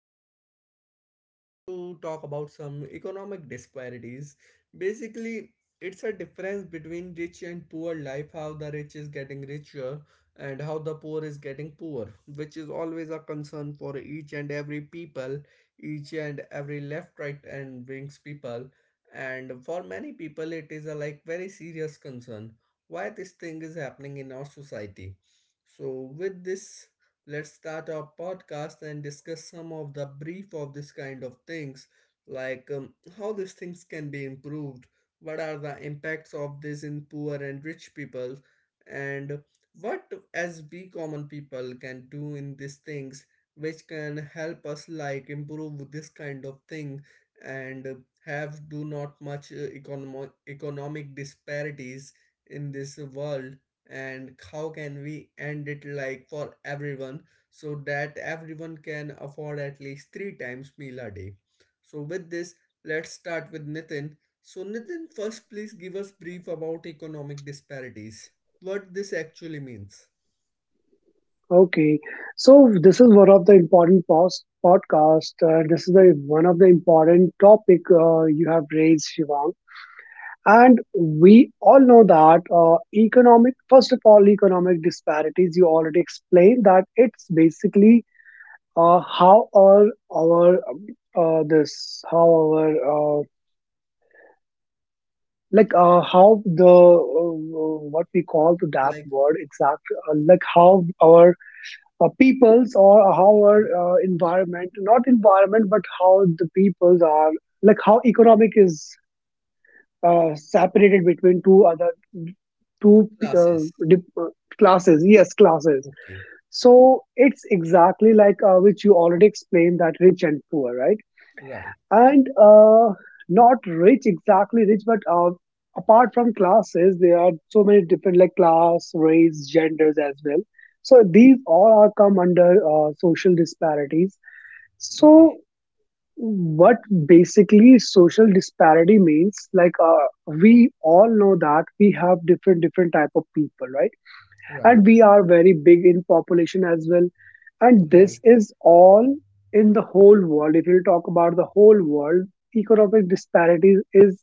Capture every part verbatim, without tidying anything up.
this podcast, we are going to talk about some economic disparities. Basically, it's a difference between rich and poor life, how the rich is getting richer and how the poor is getting poor, which is always a concern for each and every people, each and every left, right, and wings people. And for many people, it is a like very serious concern why this thing is happening in our society. So, with this, let's start our podcast and discuss some of the brief of this kind of things, like um, how these things can be improved, what are the impacts of this in poor and rich people, and what as we common people can do in these things which can help us like improve this kind of thing and have do not much uh, economo- economic disparities in this world, and how can we end it like for everyone so that everyone can afford at least three times meal a day. So with this, let's start with Nitin. So, Nitin, first please give us brief about economic disparities. What this actually means, Okay, so this is one of the important pos- podcast. Uh, this is the one of the important topic uh, you have raised, Shivang. And we all know that uh, economic, first of all, economic disparities. You already explained that it's basically uh, how our our um, uh, this how our uh, like uh, how the uh, what we call to that like, word exact uh, like how our uh, peoples or how our okay, uh, environment, not environment, but how the peoples are, like, how economic is uh, separated between two other two classes, uh, dip- uh, classes, yes, classes. okay, So it's exactly like, uh, which you already explained, that rich and poor, right? right, And uh, not rich, exactly, rich, but uh, apart from classes there are so many different, like, class, race, genders as well. So these all are come under uh, social disparities. okay, So what basically social disparity means, like, uh, we all know that we have different different type of people, right? right, And we are very big in population as well. And right, this is all in the whole world. If you talk about the whole world, economic disparities is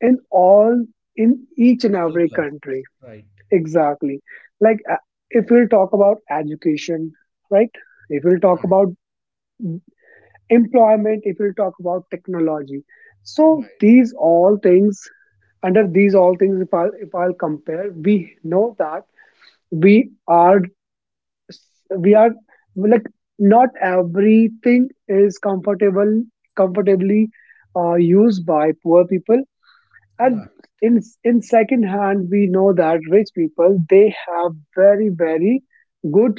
in all in each in and all every classes, country. right, Exactly. Like, uh, if we'll talk about education, right? If we'll talk right, about employment, if we'll talk about technology. So right, these all things, under these all things, if i'll if i'll compare, we know that we are we are like, not everything is comfortable comfortably uh, used by poor people. And right. in in second hand we know that rich people, they have very, very good,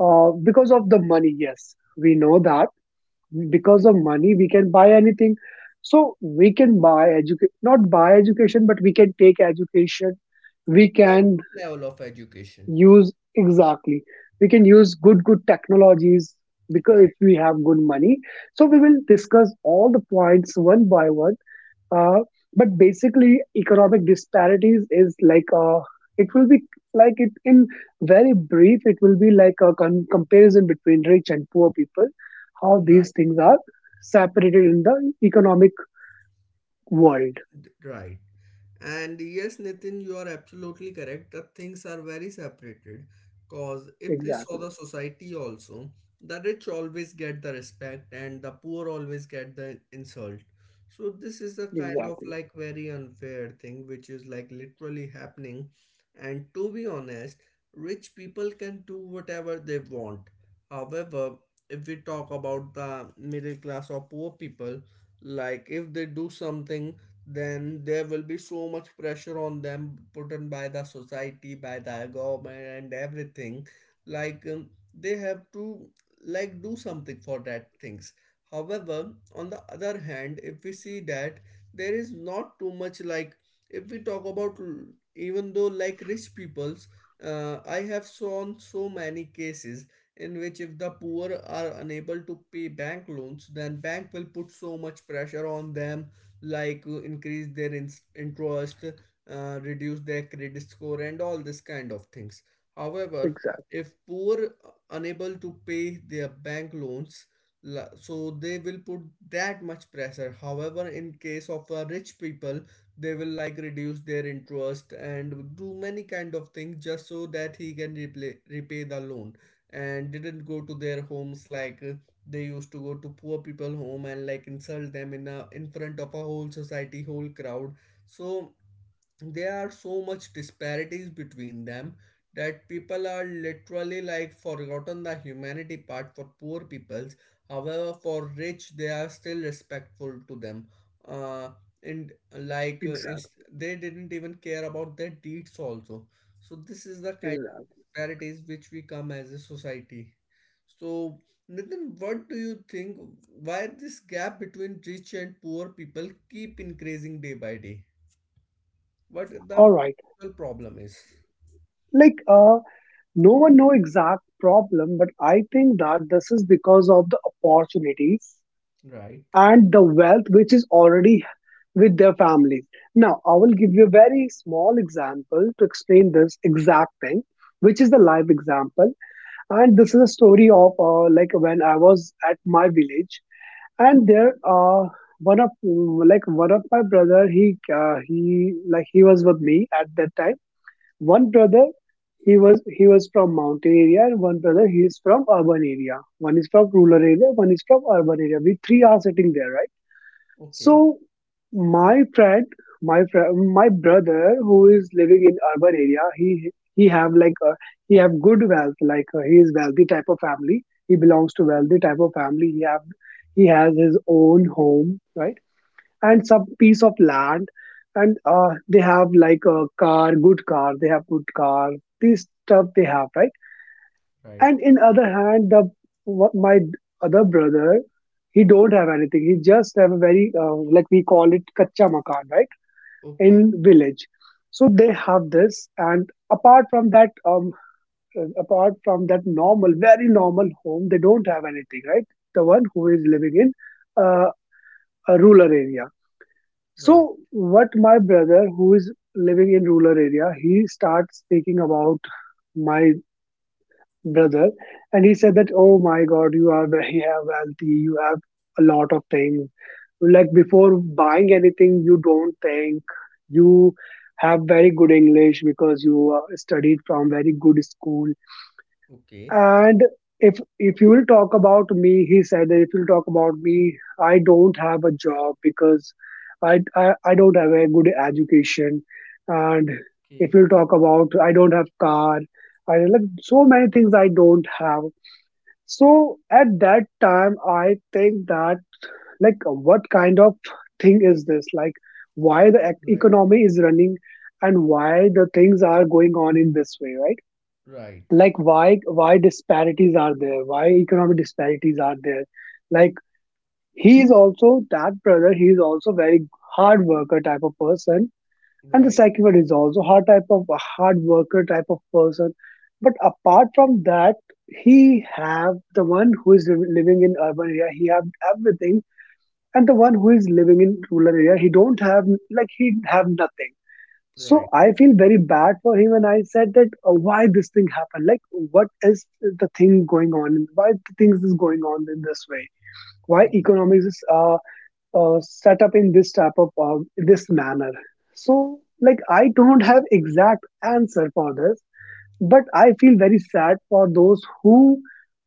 uh, because of the money. Yes, we know that because Right. of money we can buy anything. So we can buy education, not buy education, but we can take education. We Like, can what level of education? use, exactly, we can use good good technologies, because Right, if we have good money. So we will discuss all the points one by one. Uh, but basically economic disparities is, like, uh, it will be like, it in very brief it will be like a con- comparison between rich and poor people, how these right, things are separated in the economic world. right. And yes, Nitin, you are absolutely correct that things are very separated. Because if we saw Exactly, the society also, the rich always get the respect and the poor always get the insult. So this is a kind of exactly, like very unfair thing which is like literally happening. And to be honest, rich people can do whatever they want. However, if we talk about the middle class or poor people, like if they do something then there will be so much pressure on them put in by the society, by the government, and everything, like um, they have to like do something for that things. However, on the other hand, if we see that there is not too much, like if we talk about l- even though like rich peoples, uh, I have shown so many cases in which if the poor are unable to pay bank loans then bank will put so much pressure on them, like uh, increase their in- interest, uh, reduce their credit score, and all this kind of things. However, exactly, if poor uh, unable to pay their bank loans, la- so they will put that much pressure. However, in case of uh, rich people, they will like reduce their interest and do many kind of things just so that he can repay repay the loan and didn't go to their homes, like uh, they used to go to poor people home and like insult them in a, in front of a whole society, whole crowd. So there are so much disparities between them that people are literally like forgotten the humanity part for poor peoples. However, for rich they are still respectful to them, uh, and like uh, it's- exactly, they didn't even care about their deeds also. So this is the kind exactly. disparities which we come as a society. So, Nitin, what do you think? Why this gap between rich and poor people keep increasing day by day? What the All right. actual problem is? Like, uh no one know exact problem, but I think that this is because of the opportunities Right. and the wealth which is already with their families. Now, I will give you a very small example to explain this exact thing, which is the live example. And this is a story of, uh, like when I was at my village, and there, uh, one of like one of my brother, he uh, he like he was with me at that time. One brother, he was he was from mountain area, and one brother, he is from urban area. One is from rural area, one is from urban area. We three are sitting there, right? Okay. So my friend, my friend, my brother who is living in urban area, he he have like a, he have good wealth, like, uh, he is wealthy type of family. He belongs to wealthy type of family. He have he has his own home, right? And some piece of land. And uh, they have, like, a car, good car. They have good car, this stuff they have, right? Right. And in other hand, the what my other brother, he don't have anything. He just have a very, uh, like, we call it kacha makan, right, Okay. in village. So they have this. And apart from that, um uh, apart from that normal, very normal home, they don't have anything, right? The one who is living in uh, a rural area. So Right. what, my brother, who is living in rural area, he starts speaking about my brother, and he said that, "Oh my God, you are very wealthy. You have a lot of things. Like, before buying anything, you don't think. You have very good English because you uh, studied from very good school. Okay. And if if you will talk about me," he said that, "if you'll talk about me, I don't have a job because I I, I don't have a good education. And if Okay. you'll talk about, I don't have car, I, like, so many things I don't have." So at that time I think that, like, what kind of thing is this? Like, why the ec- Right. economy is running and why the things are going on in this way, right? Right. Like, why why disparities are there, why economic disparities are there. Like, he is also, that brother, he is also very hard worker type of person. And the Right. second one is also hard type of hard worker type of person. But apart from that, he have, the one who is liv- living in urban area, he have everything. And the one who is living in rural area, he don't have, like, he have nothing. Right. So I feel very bad for him, and I said that, uh, why this thing happened? Like, what is the thing going on? Why the things is going on in this way? Why Right. economics is uh, uh, set up in this type of, uh, this manner? So, like, I don't have exact answer for this, but I feel very sad for those who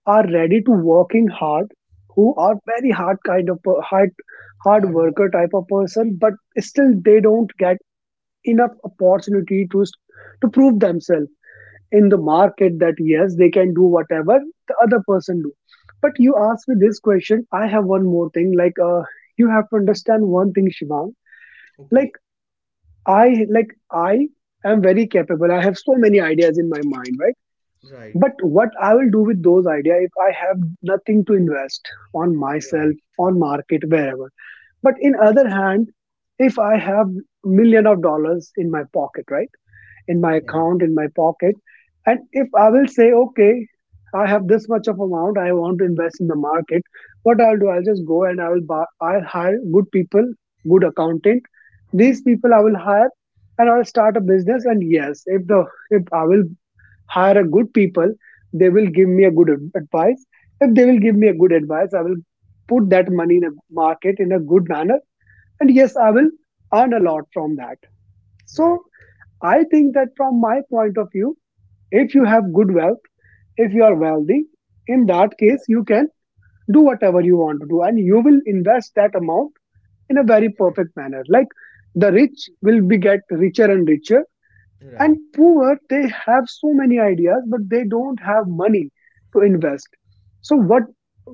are ready to working hard, who are very hard kind of per- hard hard Hard work. worker type of Right. person, but still they don't get enough opportunity to to prove themselves in the Right. market, that yes, they can do whatever the other person do. But you asked me this question, I have one more thing. Like, uh, you have to understand one thing, Shivang. Okay. Like i like i am very capable, I have so many ideas in my mind, right? Right. But what I will do with those ideas if I have nothing to invest on myself, Right. on market, wherever. But in other hand, if I have million of dollars in my pocket, right, in my Right. account, in my pocket. And if I will say, okay, I have this much of amount I want to invest in the market, what I'll do, I'll just go and I will buy, I'll hire good people, good accountant. These people I will hire and I'll start a business. Right. And yes, if the if I will hire a good people, they will give me a good ad- advice. If they will give me a good advice, I will put that money in a market in a good manner. And yes, I will earn a lot from that. Right. So I think that, from my point of view, if you have good wealth, if you are wealthy, in that case, you can do whatever you want to do and you will invest that amount in a very Right. perfect manner. Like, the rich will be get richer and richer, and Right. poor, they have so many ideas, but they don't have money to invest. So what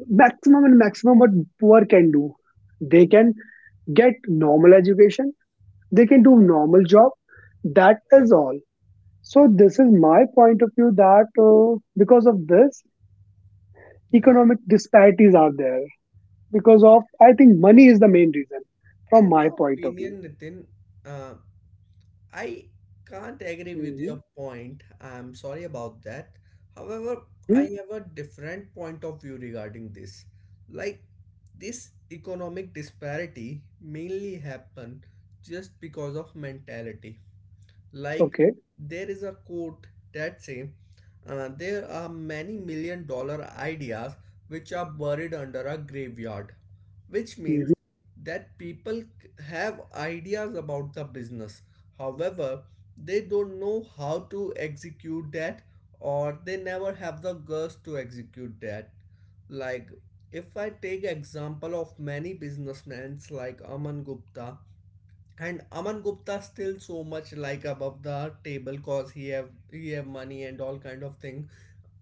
maximum and maximum what poor can do? They can get normal education, they can do Right. normal job. That Right. is all. So this is my point of view, that uh, because of this, Right. economic disparities are there because of, I think money is the main reason, from In my my point of view. opinion, Nitin, uh, I can't agree with Hmm, your point. I'm sorry about that. However, I hmm. have a different point of view regarding this. Like, this economic disparity mainly happen just because of mentality. Like, Okay. there is a quote that say uh, there are many million dollar ideas which are buried under a graveyard, which Hmm, means that people c- have ideas about the business, however they don't know how to execute that, or they never have the guts to execute that. Like, if I take example of many businessmen like Aman Gupta, and Aman Gupta still so much like above the table cause he have he have money and all kind of thing.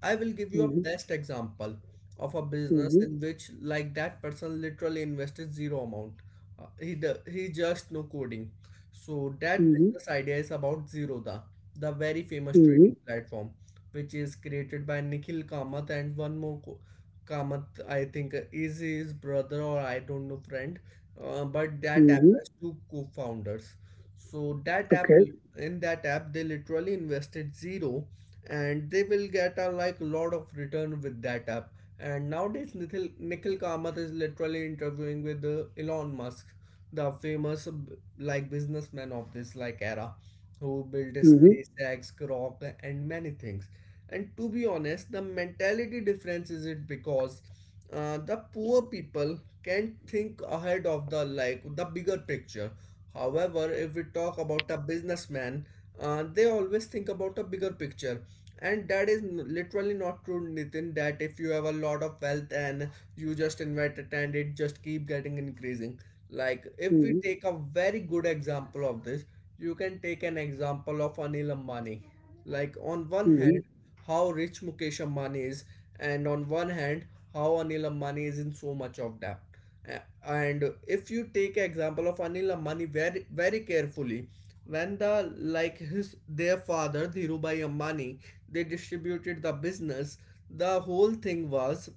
I will give you a hmm, best example of a business hmm, in which, like, that person literally invested zero amount. Uh, he d- he just no coding. So that hmm, business idea is about Zerodha, the very famous hmm, trading platform, which is created by Nikhil Kamath and one more co- Kamath, I think, uh, is his brother or I don't know friend. Uh, but that app hmm. has two co-founders. So that app, Okay. in that app, they literally invested zero and they will get a like lot of return with that app. And nowadays nikhil nikhil Kamath is literally interviewing with uh, Elon Musk, the famous uh, like businessman of this like era, who built Hmm, SpaceX, Grok, and many things. And to be honest, the mentality difference is, it because uh, the poor people can think ahead of the like the bigger picture. However, if we talk about a businessman, uh, they always think about a bigger picture. And that is n- literally not true, Nitin, that if you have a lot of wealth and you just invest it and it just keep getting increasing. Like, if we hmm, take a very good example of this, you can take an example of Anil Ambani. Like, on one hmm. hand how rich Mukesh Ambani is, and on one hand how Anil Ambani is in so much of debt. A- and if you take example of Anil Ambani very very carefully, when the like his their father Dhirubhai Ambani, they distributed the business, the whole thing was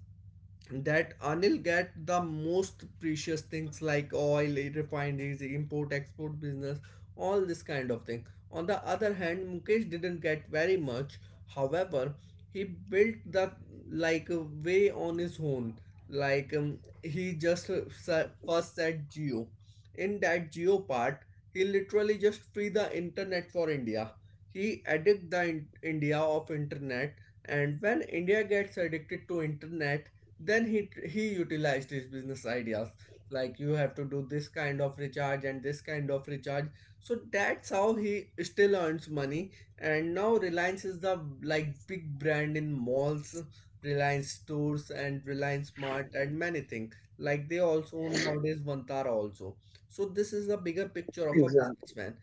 that Anil get the most precious things like oil, refineries, import export business, all this kind of thing. On the other hand, Mukesh didn't get very much. However, he built the like way on his own. Like um, he just uh, sa- first said Geo. In that Geo part, he literally just free the internet for India. He addict the in- India of internet, and when India gets addicted to internet then he he utilized his business ideas, like you have to do this kind of recharge and this kind of recharge. So that's how he still earns money, and now Reliance is the like big brand in malls, Reliance Stores and Reliance Mart and many things. Like, they also own nowadays Vantara also. So this is the bigger picture of a Exactly. businessman.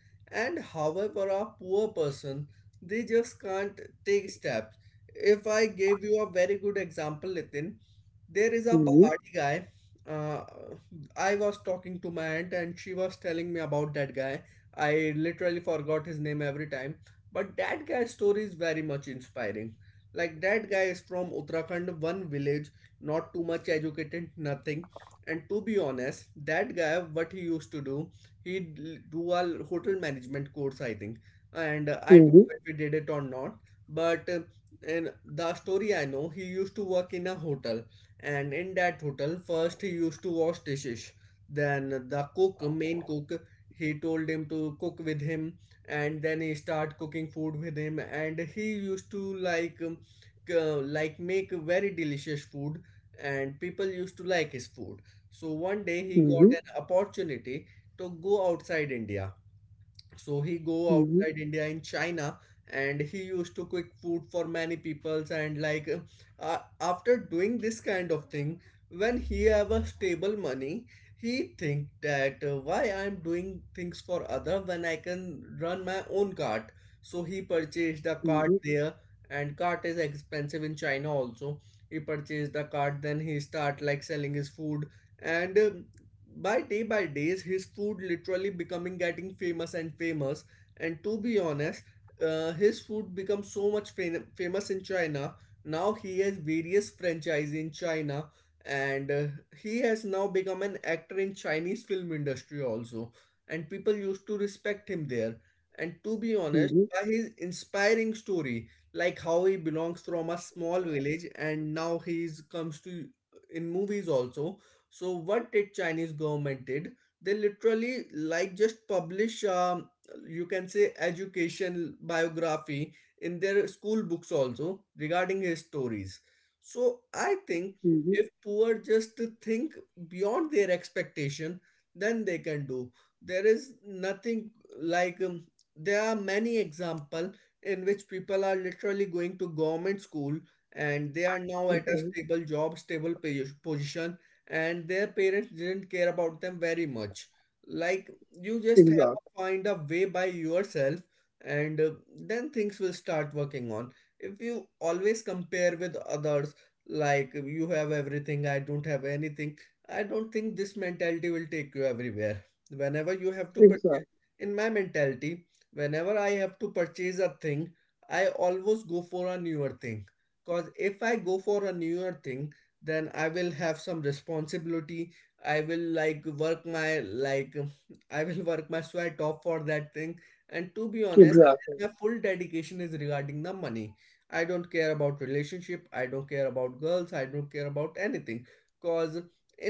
And however a poor person, they just can't take steps. If I gave you a very good example, Nitin, there is a Hmm, Pahadi guy. Uh, I was talking to my aunt and she was telling me about that guy. I literally forgot his name every time. But that guy's story is very much inspiring. Like, that guy is from Uttarakhand, one village, not too much educated, nothing. And to be honest, that guy, what he used to do, he'd l- do a hotel management course, I think. And uh, I don't hmm, know if he did it or not, but uh, in the story I know, he used to work in a hotel. And in that hotel, first he used to wash dishes, then the cook main cook, he told him to cook with him. And then he start cooking food with him, and he used to like um, c- like make very delicious food, and people used to like his food. So one day he hmm, got hmm, an opportunity to go outside India. So he go hmm, outside India in China, and he used to cook food for many peoples. And like uh, after doing this kind of thing, when he have a stable money, he think that uh, why I'm doing things for other when I can run my own cart? So he purchased a cart there, and cart is expensive in China also. He purchased the cart, then he start like selling his food, and um, by day by days his food literally becoming getting famous and famous. And to be honest, uh, his food becomes so much fam- famous in China. Now he has various franchise in China, and uh, he has now become an actor in Chinese film industry also. And people used to respect him there. And to be honest, hmm, by his inspiring story, like how he belongs from a small village and now he is- comes to in movies also. So what did Chinese government did? They literally like just publish, um, you can say, education biography in their school books also regarding his stories. So I think hmm. if poor just think beyond their expectation then they can do. There is nothing. Like, um, there are many example in which people are literally going to government school and they are now at a Okay. stable job, stable pos- position, and their parents didn't care about them very much. Like, you just have to Exactly. find a way by yourself, and uh, then things will start working on. If you always compare with others, like you have everything, I don't have anything, I don't think this mentality will take you everywhere. Whenever you have to purchase, Exactly. in my mentality, whenever I have to purchase a thing, I always go for a newer thing. Because if I go for a newer thing, then i will have some responsibility. I will like work my like I will work my sweat off for that thing. And to be honest, Exactly. my full dedication is regarding the money. I don't care about relationship, I don't care about girls, I don't care about anything, cause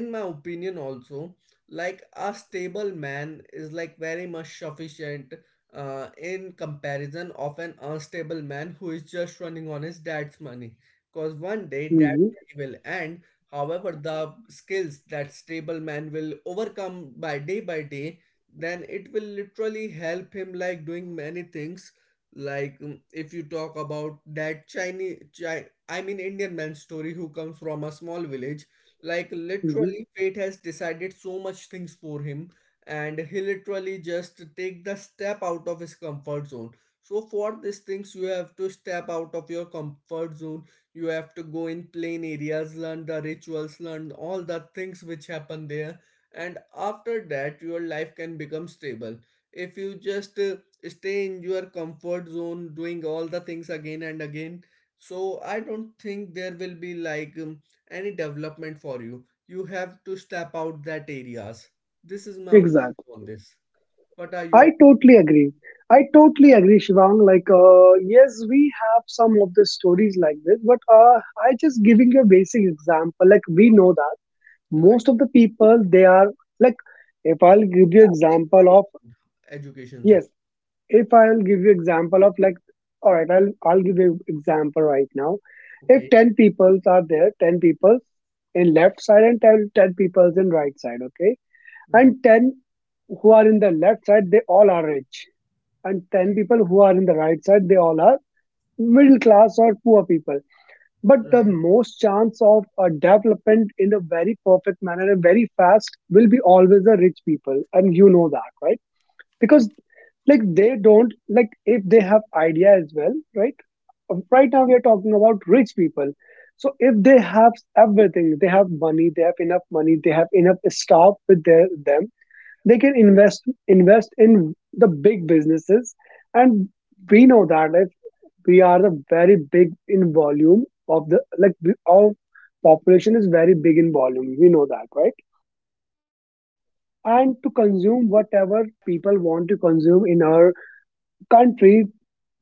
in my opinion also, like, a stable man is like very much sufficient uh, in comparison of an unstable man who is just running on his dad's money, because one day dad Hmm, will end. However, the skills that stable man will overcome by day by day, then it will literally help him like doing many things. Like um, if you talk about that Chinese, Chi- I mean Indian man story who comes from a small village, like hmm. literally fate has decided so much things for him, and he literally just take the step out of his comfort zone. So for these things, you have to step out of your comfort zone, you have to go in plain areas, learn the rituals, learn all the things which happen there, and after that your life can become stable. If you just uh, stay in your comfort zone doing all the things again and again, so I don't think there will be like um, any development for you. You have to step out that areas. This is my Exactly. opinion on this. What are your I totally agree. I totally agree, Shivang. Like, uh, yes, we have some of the stories like this, but uh, I just giving you a basic example. Like, we know that most right? of the people they are like. If I'll give you Yeah, they example want of, educations also. yes, if I'll give you example of, like, all right, I'll I'll give you example right now. If Okay, ten people are there, ten people in left side and ten, ten people in right side, okay, right, and ten who are in the left side, they all are rich, and ten okay. people who are in the right side, they all are middle class or poor people, but the Right, most chance of a development in a very perfect manner and very fast will be always the rich people, and you know that, right? Because, like, they don't, like, if they have idea as well. Right, right now we are talking about rich people. So if they have everything, they have money, they have enough money, they have enough staff with their, them, they can invest invest in the big businesses. And we know that if we are the very big in volume of the, like, we, our population is very big in volume, we know that, right? And to consume whatever people want to consume in our country,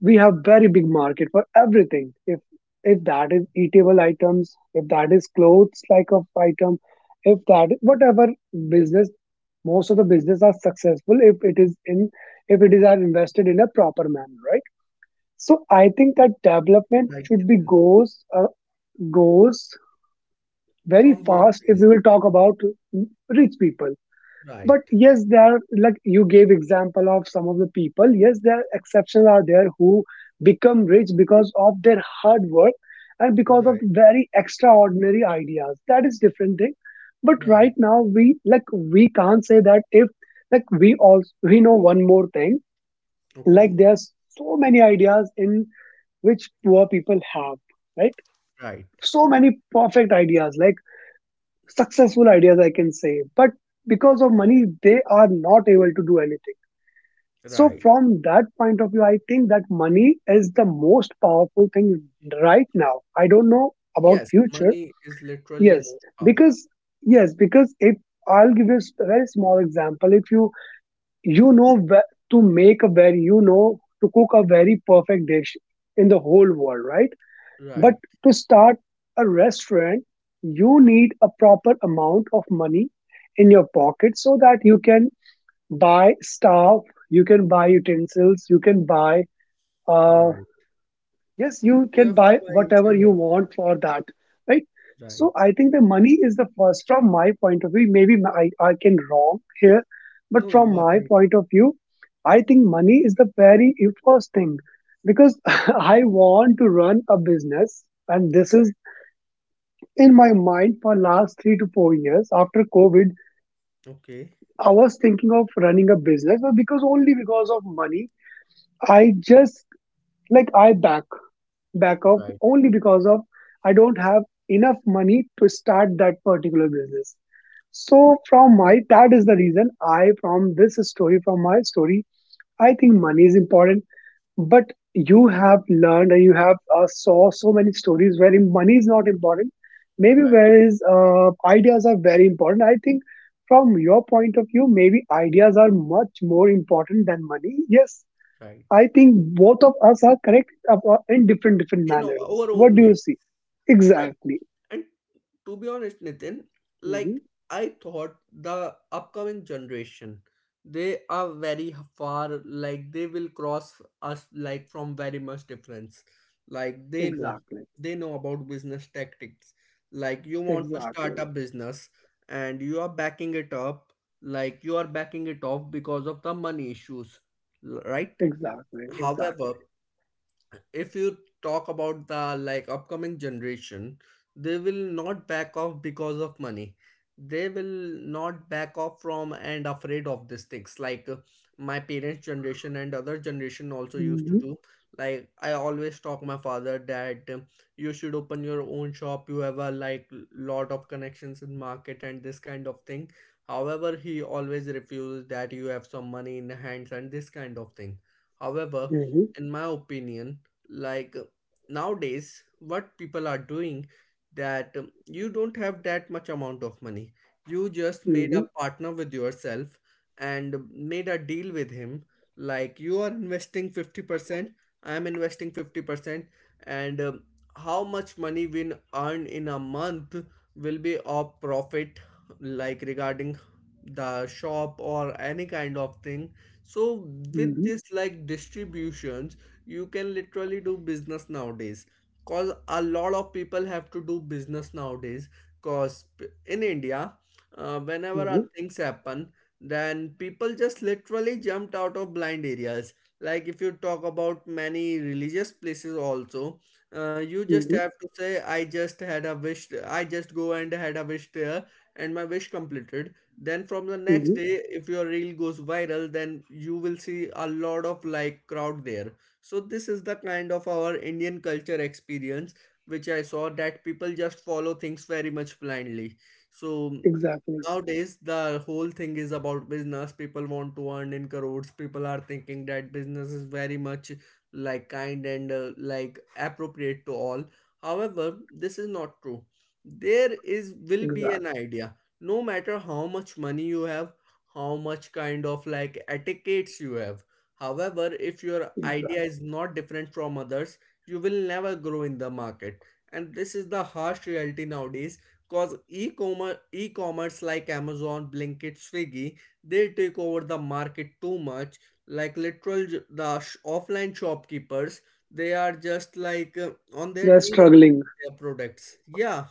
we have very big market for everything, if if that is eatable items, if that is clothes like of item, if that whatever business, most of the business are successful if it is in if it is are invested in a proper manner, right? So I think that development right should be goes uh, goes very from both fast if ways. we will talk about mm, rich people, but Right, yes, there are, like, you gave example of some of the people, yes, there are exceptions are there who become rich because of their hard work and because of right, very extraordinary ideas, that is different thing. But right right. now we, like, we can't say that, if, like, we also we know one more thing, like, Okay, there's so many ideas in which poor people have, right? right, So many perfect ideas, like successful ideas, I can say, but because of money they are not able to do anything. So right. from that point of view, I think that money is the most powerful thing right now. I don't know about Yes, future. money is literally yes most powerful. because yes because if I'll give you a very small example, if you, you know whe- to make a very, you know to cook a very perfect dish in the whole world, right? But Right, to start a restaurant, you need a proper amount of money in your pocket, so that you can buy staff, you can buy utensils, you can buy, uh, right, yes, you you can have to buy buy each whatever and you every. want for that, right? Right. So I think the money is the first, from my point of view. Maybe my- I, I can wrong here, but No, from you are my right. point of view, I think money is the very first thing because I want to run a business, and this is in my mind for last three to four years after covid. Right, okay, I was thinking of running a business, but because, only because of money, I just, like, I back back off, right, only because of I don't have enough money to start that particular business. So from my, that is the reason I, from this story, from my story, I think money is important. But you have learned and you have uh, saw so many stories where money is not important. Maybe right, whereas uh, ideas are very important. I think from your point of view, maybe ideas are much more important than money. Yes, right I think both of us are correct ab- uh, in different different in manners. our own What do you ways. see? Right. Exactly. And to be honest, Nitin, like Hmm. I thought the upcoming generation, they are very far, like they will cross us like from very much difference. Like they know, Exactly. they know about business tactics. Like you want to start a Exactly. business and you are backing it up, like you are backing it off because of the money issues, l- right? Exactly. However, Exactly. if you talk about the like upcoming generation, they will not back off because of money, they will not back off from and afraid of these things, like uh, my parents generation and other generation also used to Mm-hmm. do. Like I always talk my father that um, you should open your own shop, you have a like lot of connections in market and this kind of thing. However, he always refuses that you have some money in hands and this kind of thing. However, Mm-hmm. in my opinion, like uh, nowadays what people are doing, that um, you don't have that much amount of money, you just made a Mm-hmm. partner with yourself and made a deal with him, like, you are investing fifty percent, I am investing fifty percent, and um, how much money we earn in a month will be of profit, like regarding the shop or any kind of thing. So with Mm-hmm. this like distributions, you can literally do business nowadays, cause a lot of people have to do business nowadays. Cause p- in India, uh, whenever uh, Mm-hmm. things happen, then people just literally jumped out of blind areas. Like if you talk about many religious places also, uh, you just Mm-hmm. have to say I just had a wish, I just go and had a wish there and my wish completed, then from the next Mm-hmm. day, if your reel goes viral, then you will see a lot of like crowd there. So this is the kind of our Indian culture experience which I saw, that people just follow things very much blindly. So Exactly. nowadays the whole thing is about business. People want to earn in crores. People are thinking that business is very much like kind and uh, like appropriate to all. However, this is not true. There is will be an Exactly. idea. No matter how much money you have, how much kind of like etiquettes you have, however, if your idea Exactly. is not different from others, you will never grow in the market. And this is the harsh reality nowadays because e-commerce, e-commerce like Amazon, Blinkit, Swiggy, they take over the market too much. Like literal j- the sh- offline shopkeepers, they are just like uh, on their They're knees of struggling. selling their products. Yeah,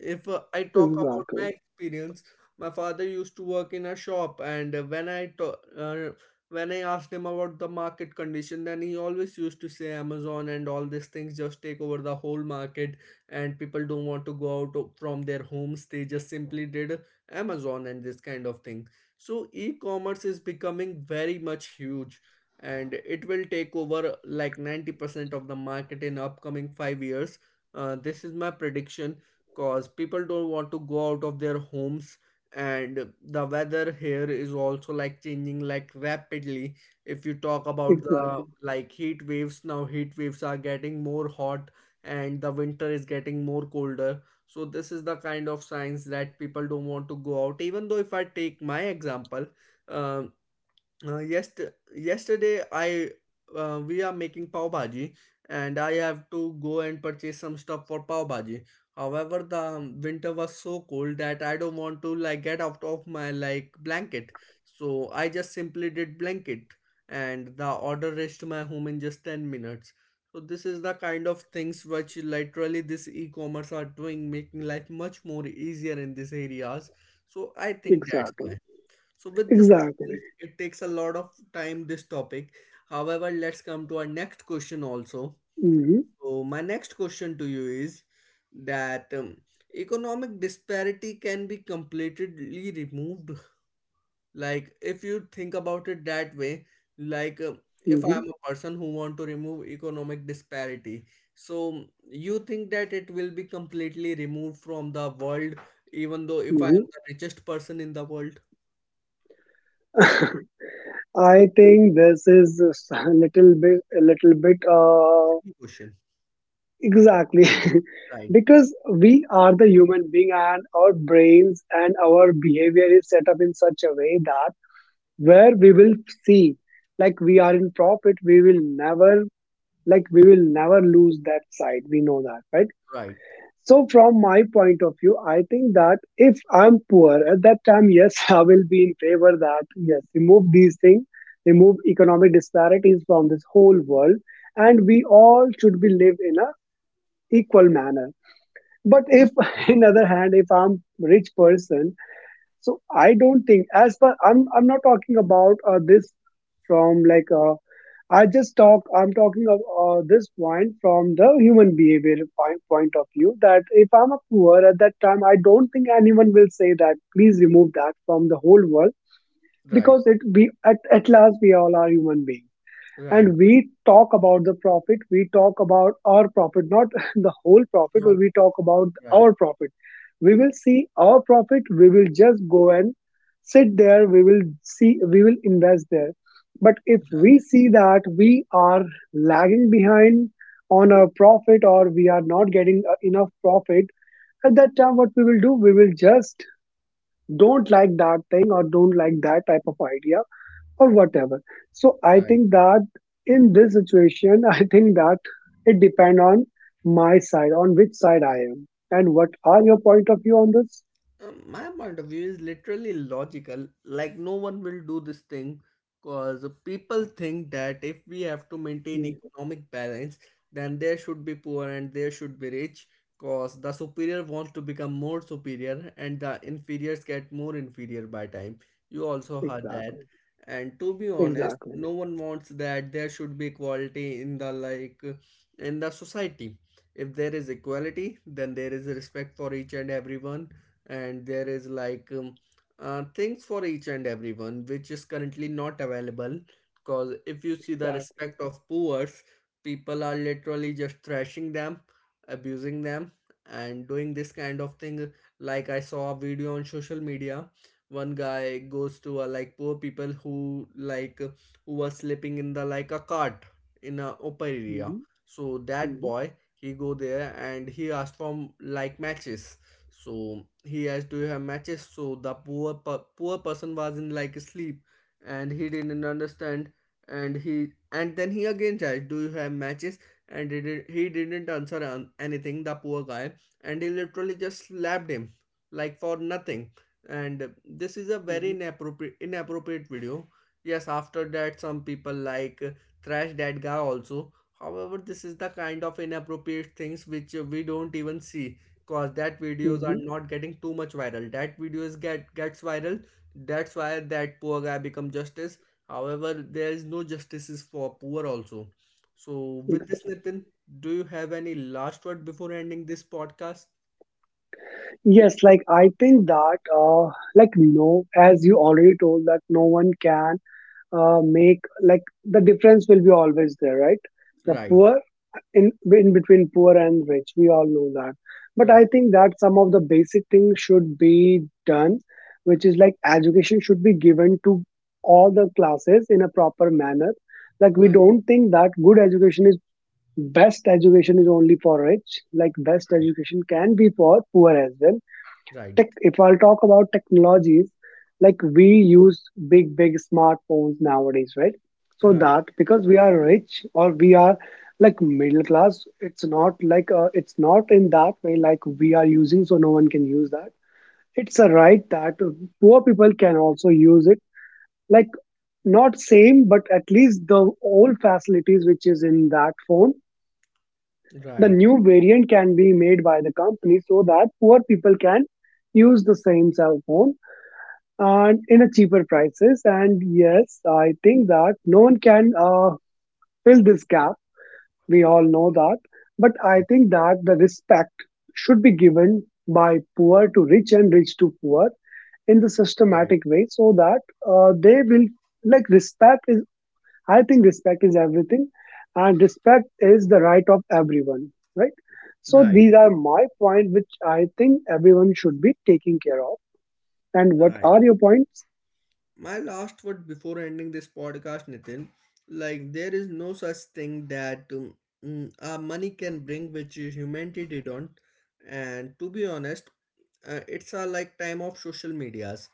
if uh, I talk about my Exactly. experience, my father used to work in a shop, and uh, when I to- uh, when I asked him about the market condition, then he always used to say Amazon and all these things just take over the whole market and people don't want to go out of- from their homes. They just simply did Amazon and this kind of thing. So e-commerce is becoming very much huge, and it will take over like ninety percent of the market in upcoming five years. Uh, this is my prediction, because people don't want to go out of their homes, and the weather here is also like changing like rapidly. If you talk about the Exactly. like heat waves, now heat waves are getting more hot and the winter is getting more colder. So this is the kind of science that people don't want to go out. Even though, if I take my example, um uh, yest yesterday I uh, we are making pav bhaji, and I have to go and purchase some stuff for pav bhaji. However, the um, winter was so cold that I don't want to like get out of my like blanket. So I just simply did blanket and the order reached my home in just ten minutes. So this is the kind of things which literally this e-commerce are doing, making life much more easier in these areas. So I think that's Exactly. why. So with this, Exactly. it takes a lot of time, this topic. However, let's come to our next question also. Hmm. So my next question to you is that um, economic disparity can be completely removed. Like, if you think about it that way, like um, if I Hmm. am a person who want to remove economic disparity, so you think that it will be completely removed from the world, even though if I Hmm. am the richest person in the world? I think this is a s- a little bit, a little bit, uh, Tricky question. exactly, Right. because we are the human being and our brains and our behavior is set up in such a way that where we will see, like, we are in profit, we will never, like we will never lose that side. We know that, right? Right, So from my point of view, I think that if I'm poor at that time, yes, I will be in favor that, yes, remove these things, remove economic disparities from this whole world, and we all should be live in a equal manner. But if, right, in other hand, if I'm rich person, so I don't think, as per, I'm I'm not talking about uh, this from, like, uh, I just talk. I'm talking of uh, this point from the human behavior point point of view. That if I'm a poor at that time, I don't think anyone will say that, please remove that from the whole world, right, because it, we, at at last we all are human beings, right. and we talk about the profit, we talk about our profit, not the whole profit, Not but we talk about right, our profit, we will see our profit, we will just go and sit there, we will see, we will invest there, but if right, we see that we are lagging behind on our profit or we are not getting uh, enough profit, at that time, what we will do, we will just don't like that thing or don't like that type of idea or whatever. So I right. think that in this situation, I think that it depends on my side, on which side I am, and what are your point of view on this? Um, my point of view is literally logical. Like, no one will do this thing, because people think that if we have to maintain Mm, economic balance, then there should be poor and there should be rich, because the superior wants to become more superior and the inferiors get more inferior by time. You also heard that. exactly, And to be honest, exactly, no one wants that there should be equality in the like in the society. If there is equality, then there is respect for each and everyone, and there is like um, uh, things for each and everyone, which is currently not available. Because if you see the exactly. respect of poors, people are literally just thrashing them, abusing them and doing this kind of thing. Like I saw a video on social media, one guy goes to a like poor people who like uh, who was sleeping in the like a cart in a open area. Hmm. So that Hmm. boy, he go there and he asked for like matches. So he asked, do you have matches? So the poor per- poor person was in like sleep and he didn't understand, and he and then he again asked, do you have matches? And he did he didn't answer anything, the poor guy, and he literally just slapped him, like for nothing. And this is a very Hmm. inappropriate inappropriate video. Yes, after that some people like uh, trash that guy also. However, this is the kind of inappropriate things which uh, we don't even see, cause that videos are Hmm. not getting too much viral. That videos get gets viral, that's why that poor guy become justice. However, there is no justices for poor also. So with this, Exactly. Nitin, do you have any last word before ending this podcast? Yes, like I think that, uh, like, no, as you already told, that no one can uh, make, like, the difference will be always there, right? The Right, poor in, in between poor and rich, we all know that, but right, I think that some of the basic things should be done, which is, like, education should be given to all the classes in a proper manner, like, we right, don't think that good education is best education is only for rich, like best right, education can be for poor as well. right, Tech if I'll talk about technologies, like, we use big, big smartphones nowadays, right? right, So right, that because we are rich or we are, like, middle class, it's not like, uh, it's not in that way like we are using, so no one can use that. It's a right that poor people can also use it. Like, not same, but at least the old facilities which is in that phone, the right, new variant can be made by the company so that poor people can use the same cell phone and in a cheaper prices. And yes, I think that no one can uh, fill this gap. We all know that. But I think that the respect should be given by poor to rich and rich to poor in the right, systematic way so that uh, they will, like, respect is, I think respect is everything and respect is the right of everyone, right? So right, these are my point, which I think everyone should be taking care of. And what right. are your points? My last word before ending this podcast, Nitin, like, there is no such thing that um, mm, uh, money can bring which humanity didn't. And to be honest, uh, it's a like time of social medias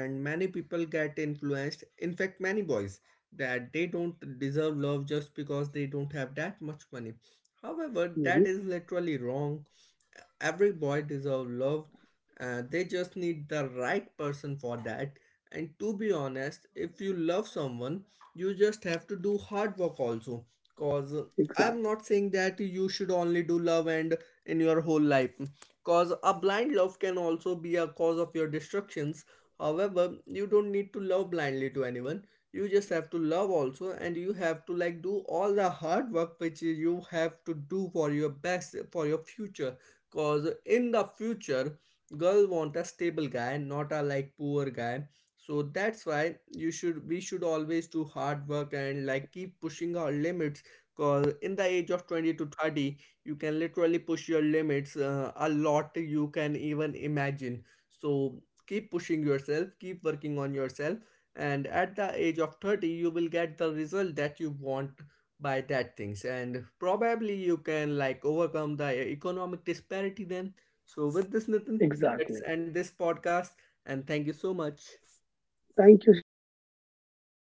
and many people get influenced. In fact, many boys that they don't deserve love just because they don't have that much money. However, Hmm. that is literally wrong. Every boy deserves love, uh, they just need the right person for that. And to be honest, if you love someone, you just have to do hard work also, cause uh, I'm Exactly. not saying that you should only do love and in your whole life, cause a blind love can also be a cause of your destructions. However, you don't need to love blindly to anyone, you just have to love also and you have to like do all the hard work which you have to do for your best for your future. Cause in the future, girl want a stable guy, not a like poor guy. So that's why you should we should always do hard work and like keep pushing our limits. Cause in the age of twenty to thirty, you can literally push your limits uh, a lot you can even imagine. So keep pushing yourself, keep working on yourself, and at the age of thirty you will get the result that you want by that things, and probably you can like overcome the uh, economic disparity then. So with this, Nitin, let's Exactly. end this podcast, and thank you so much. Thank you, Shivang. Bye.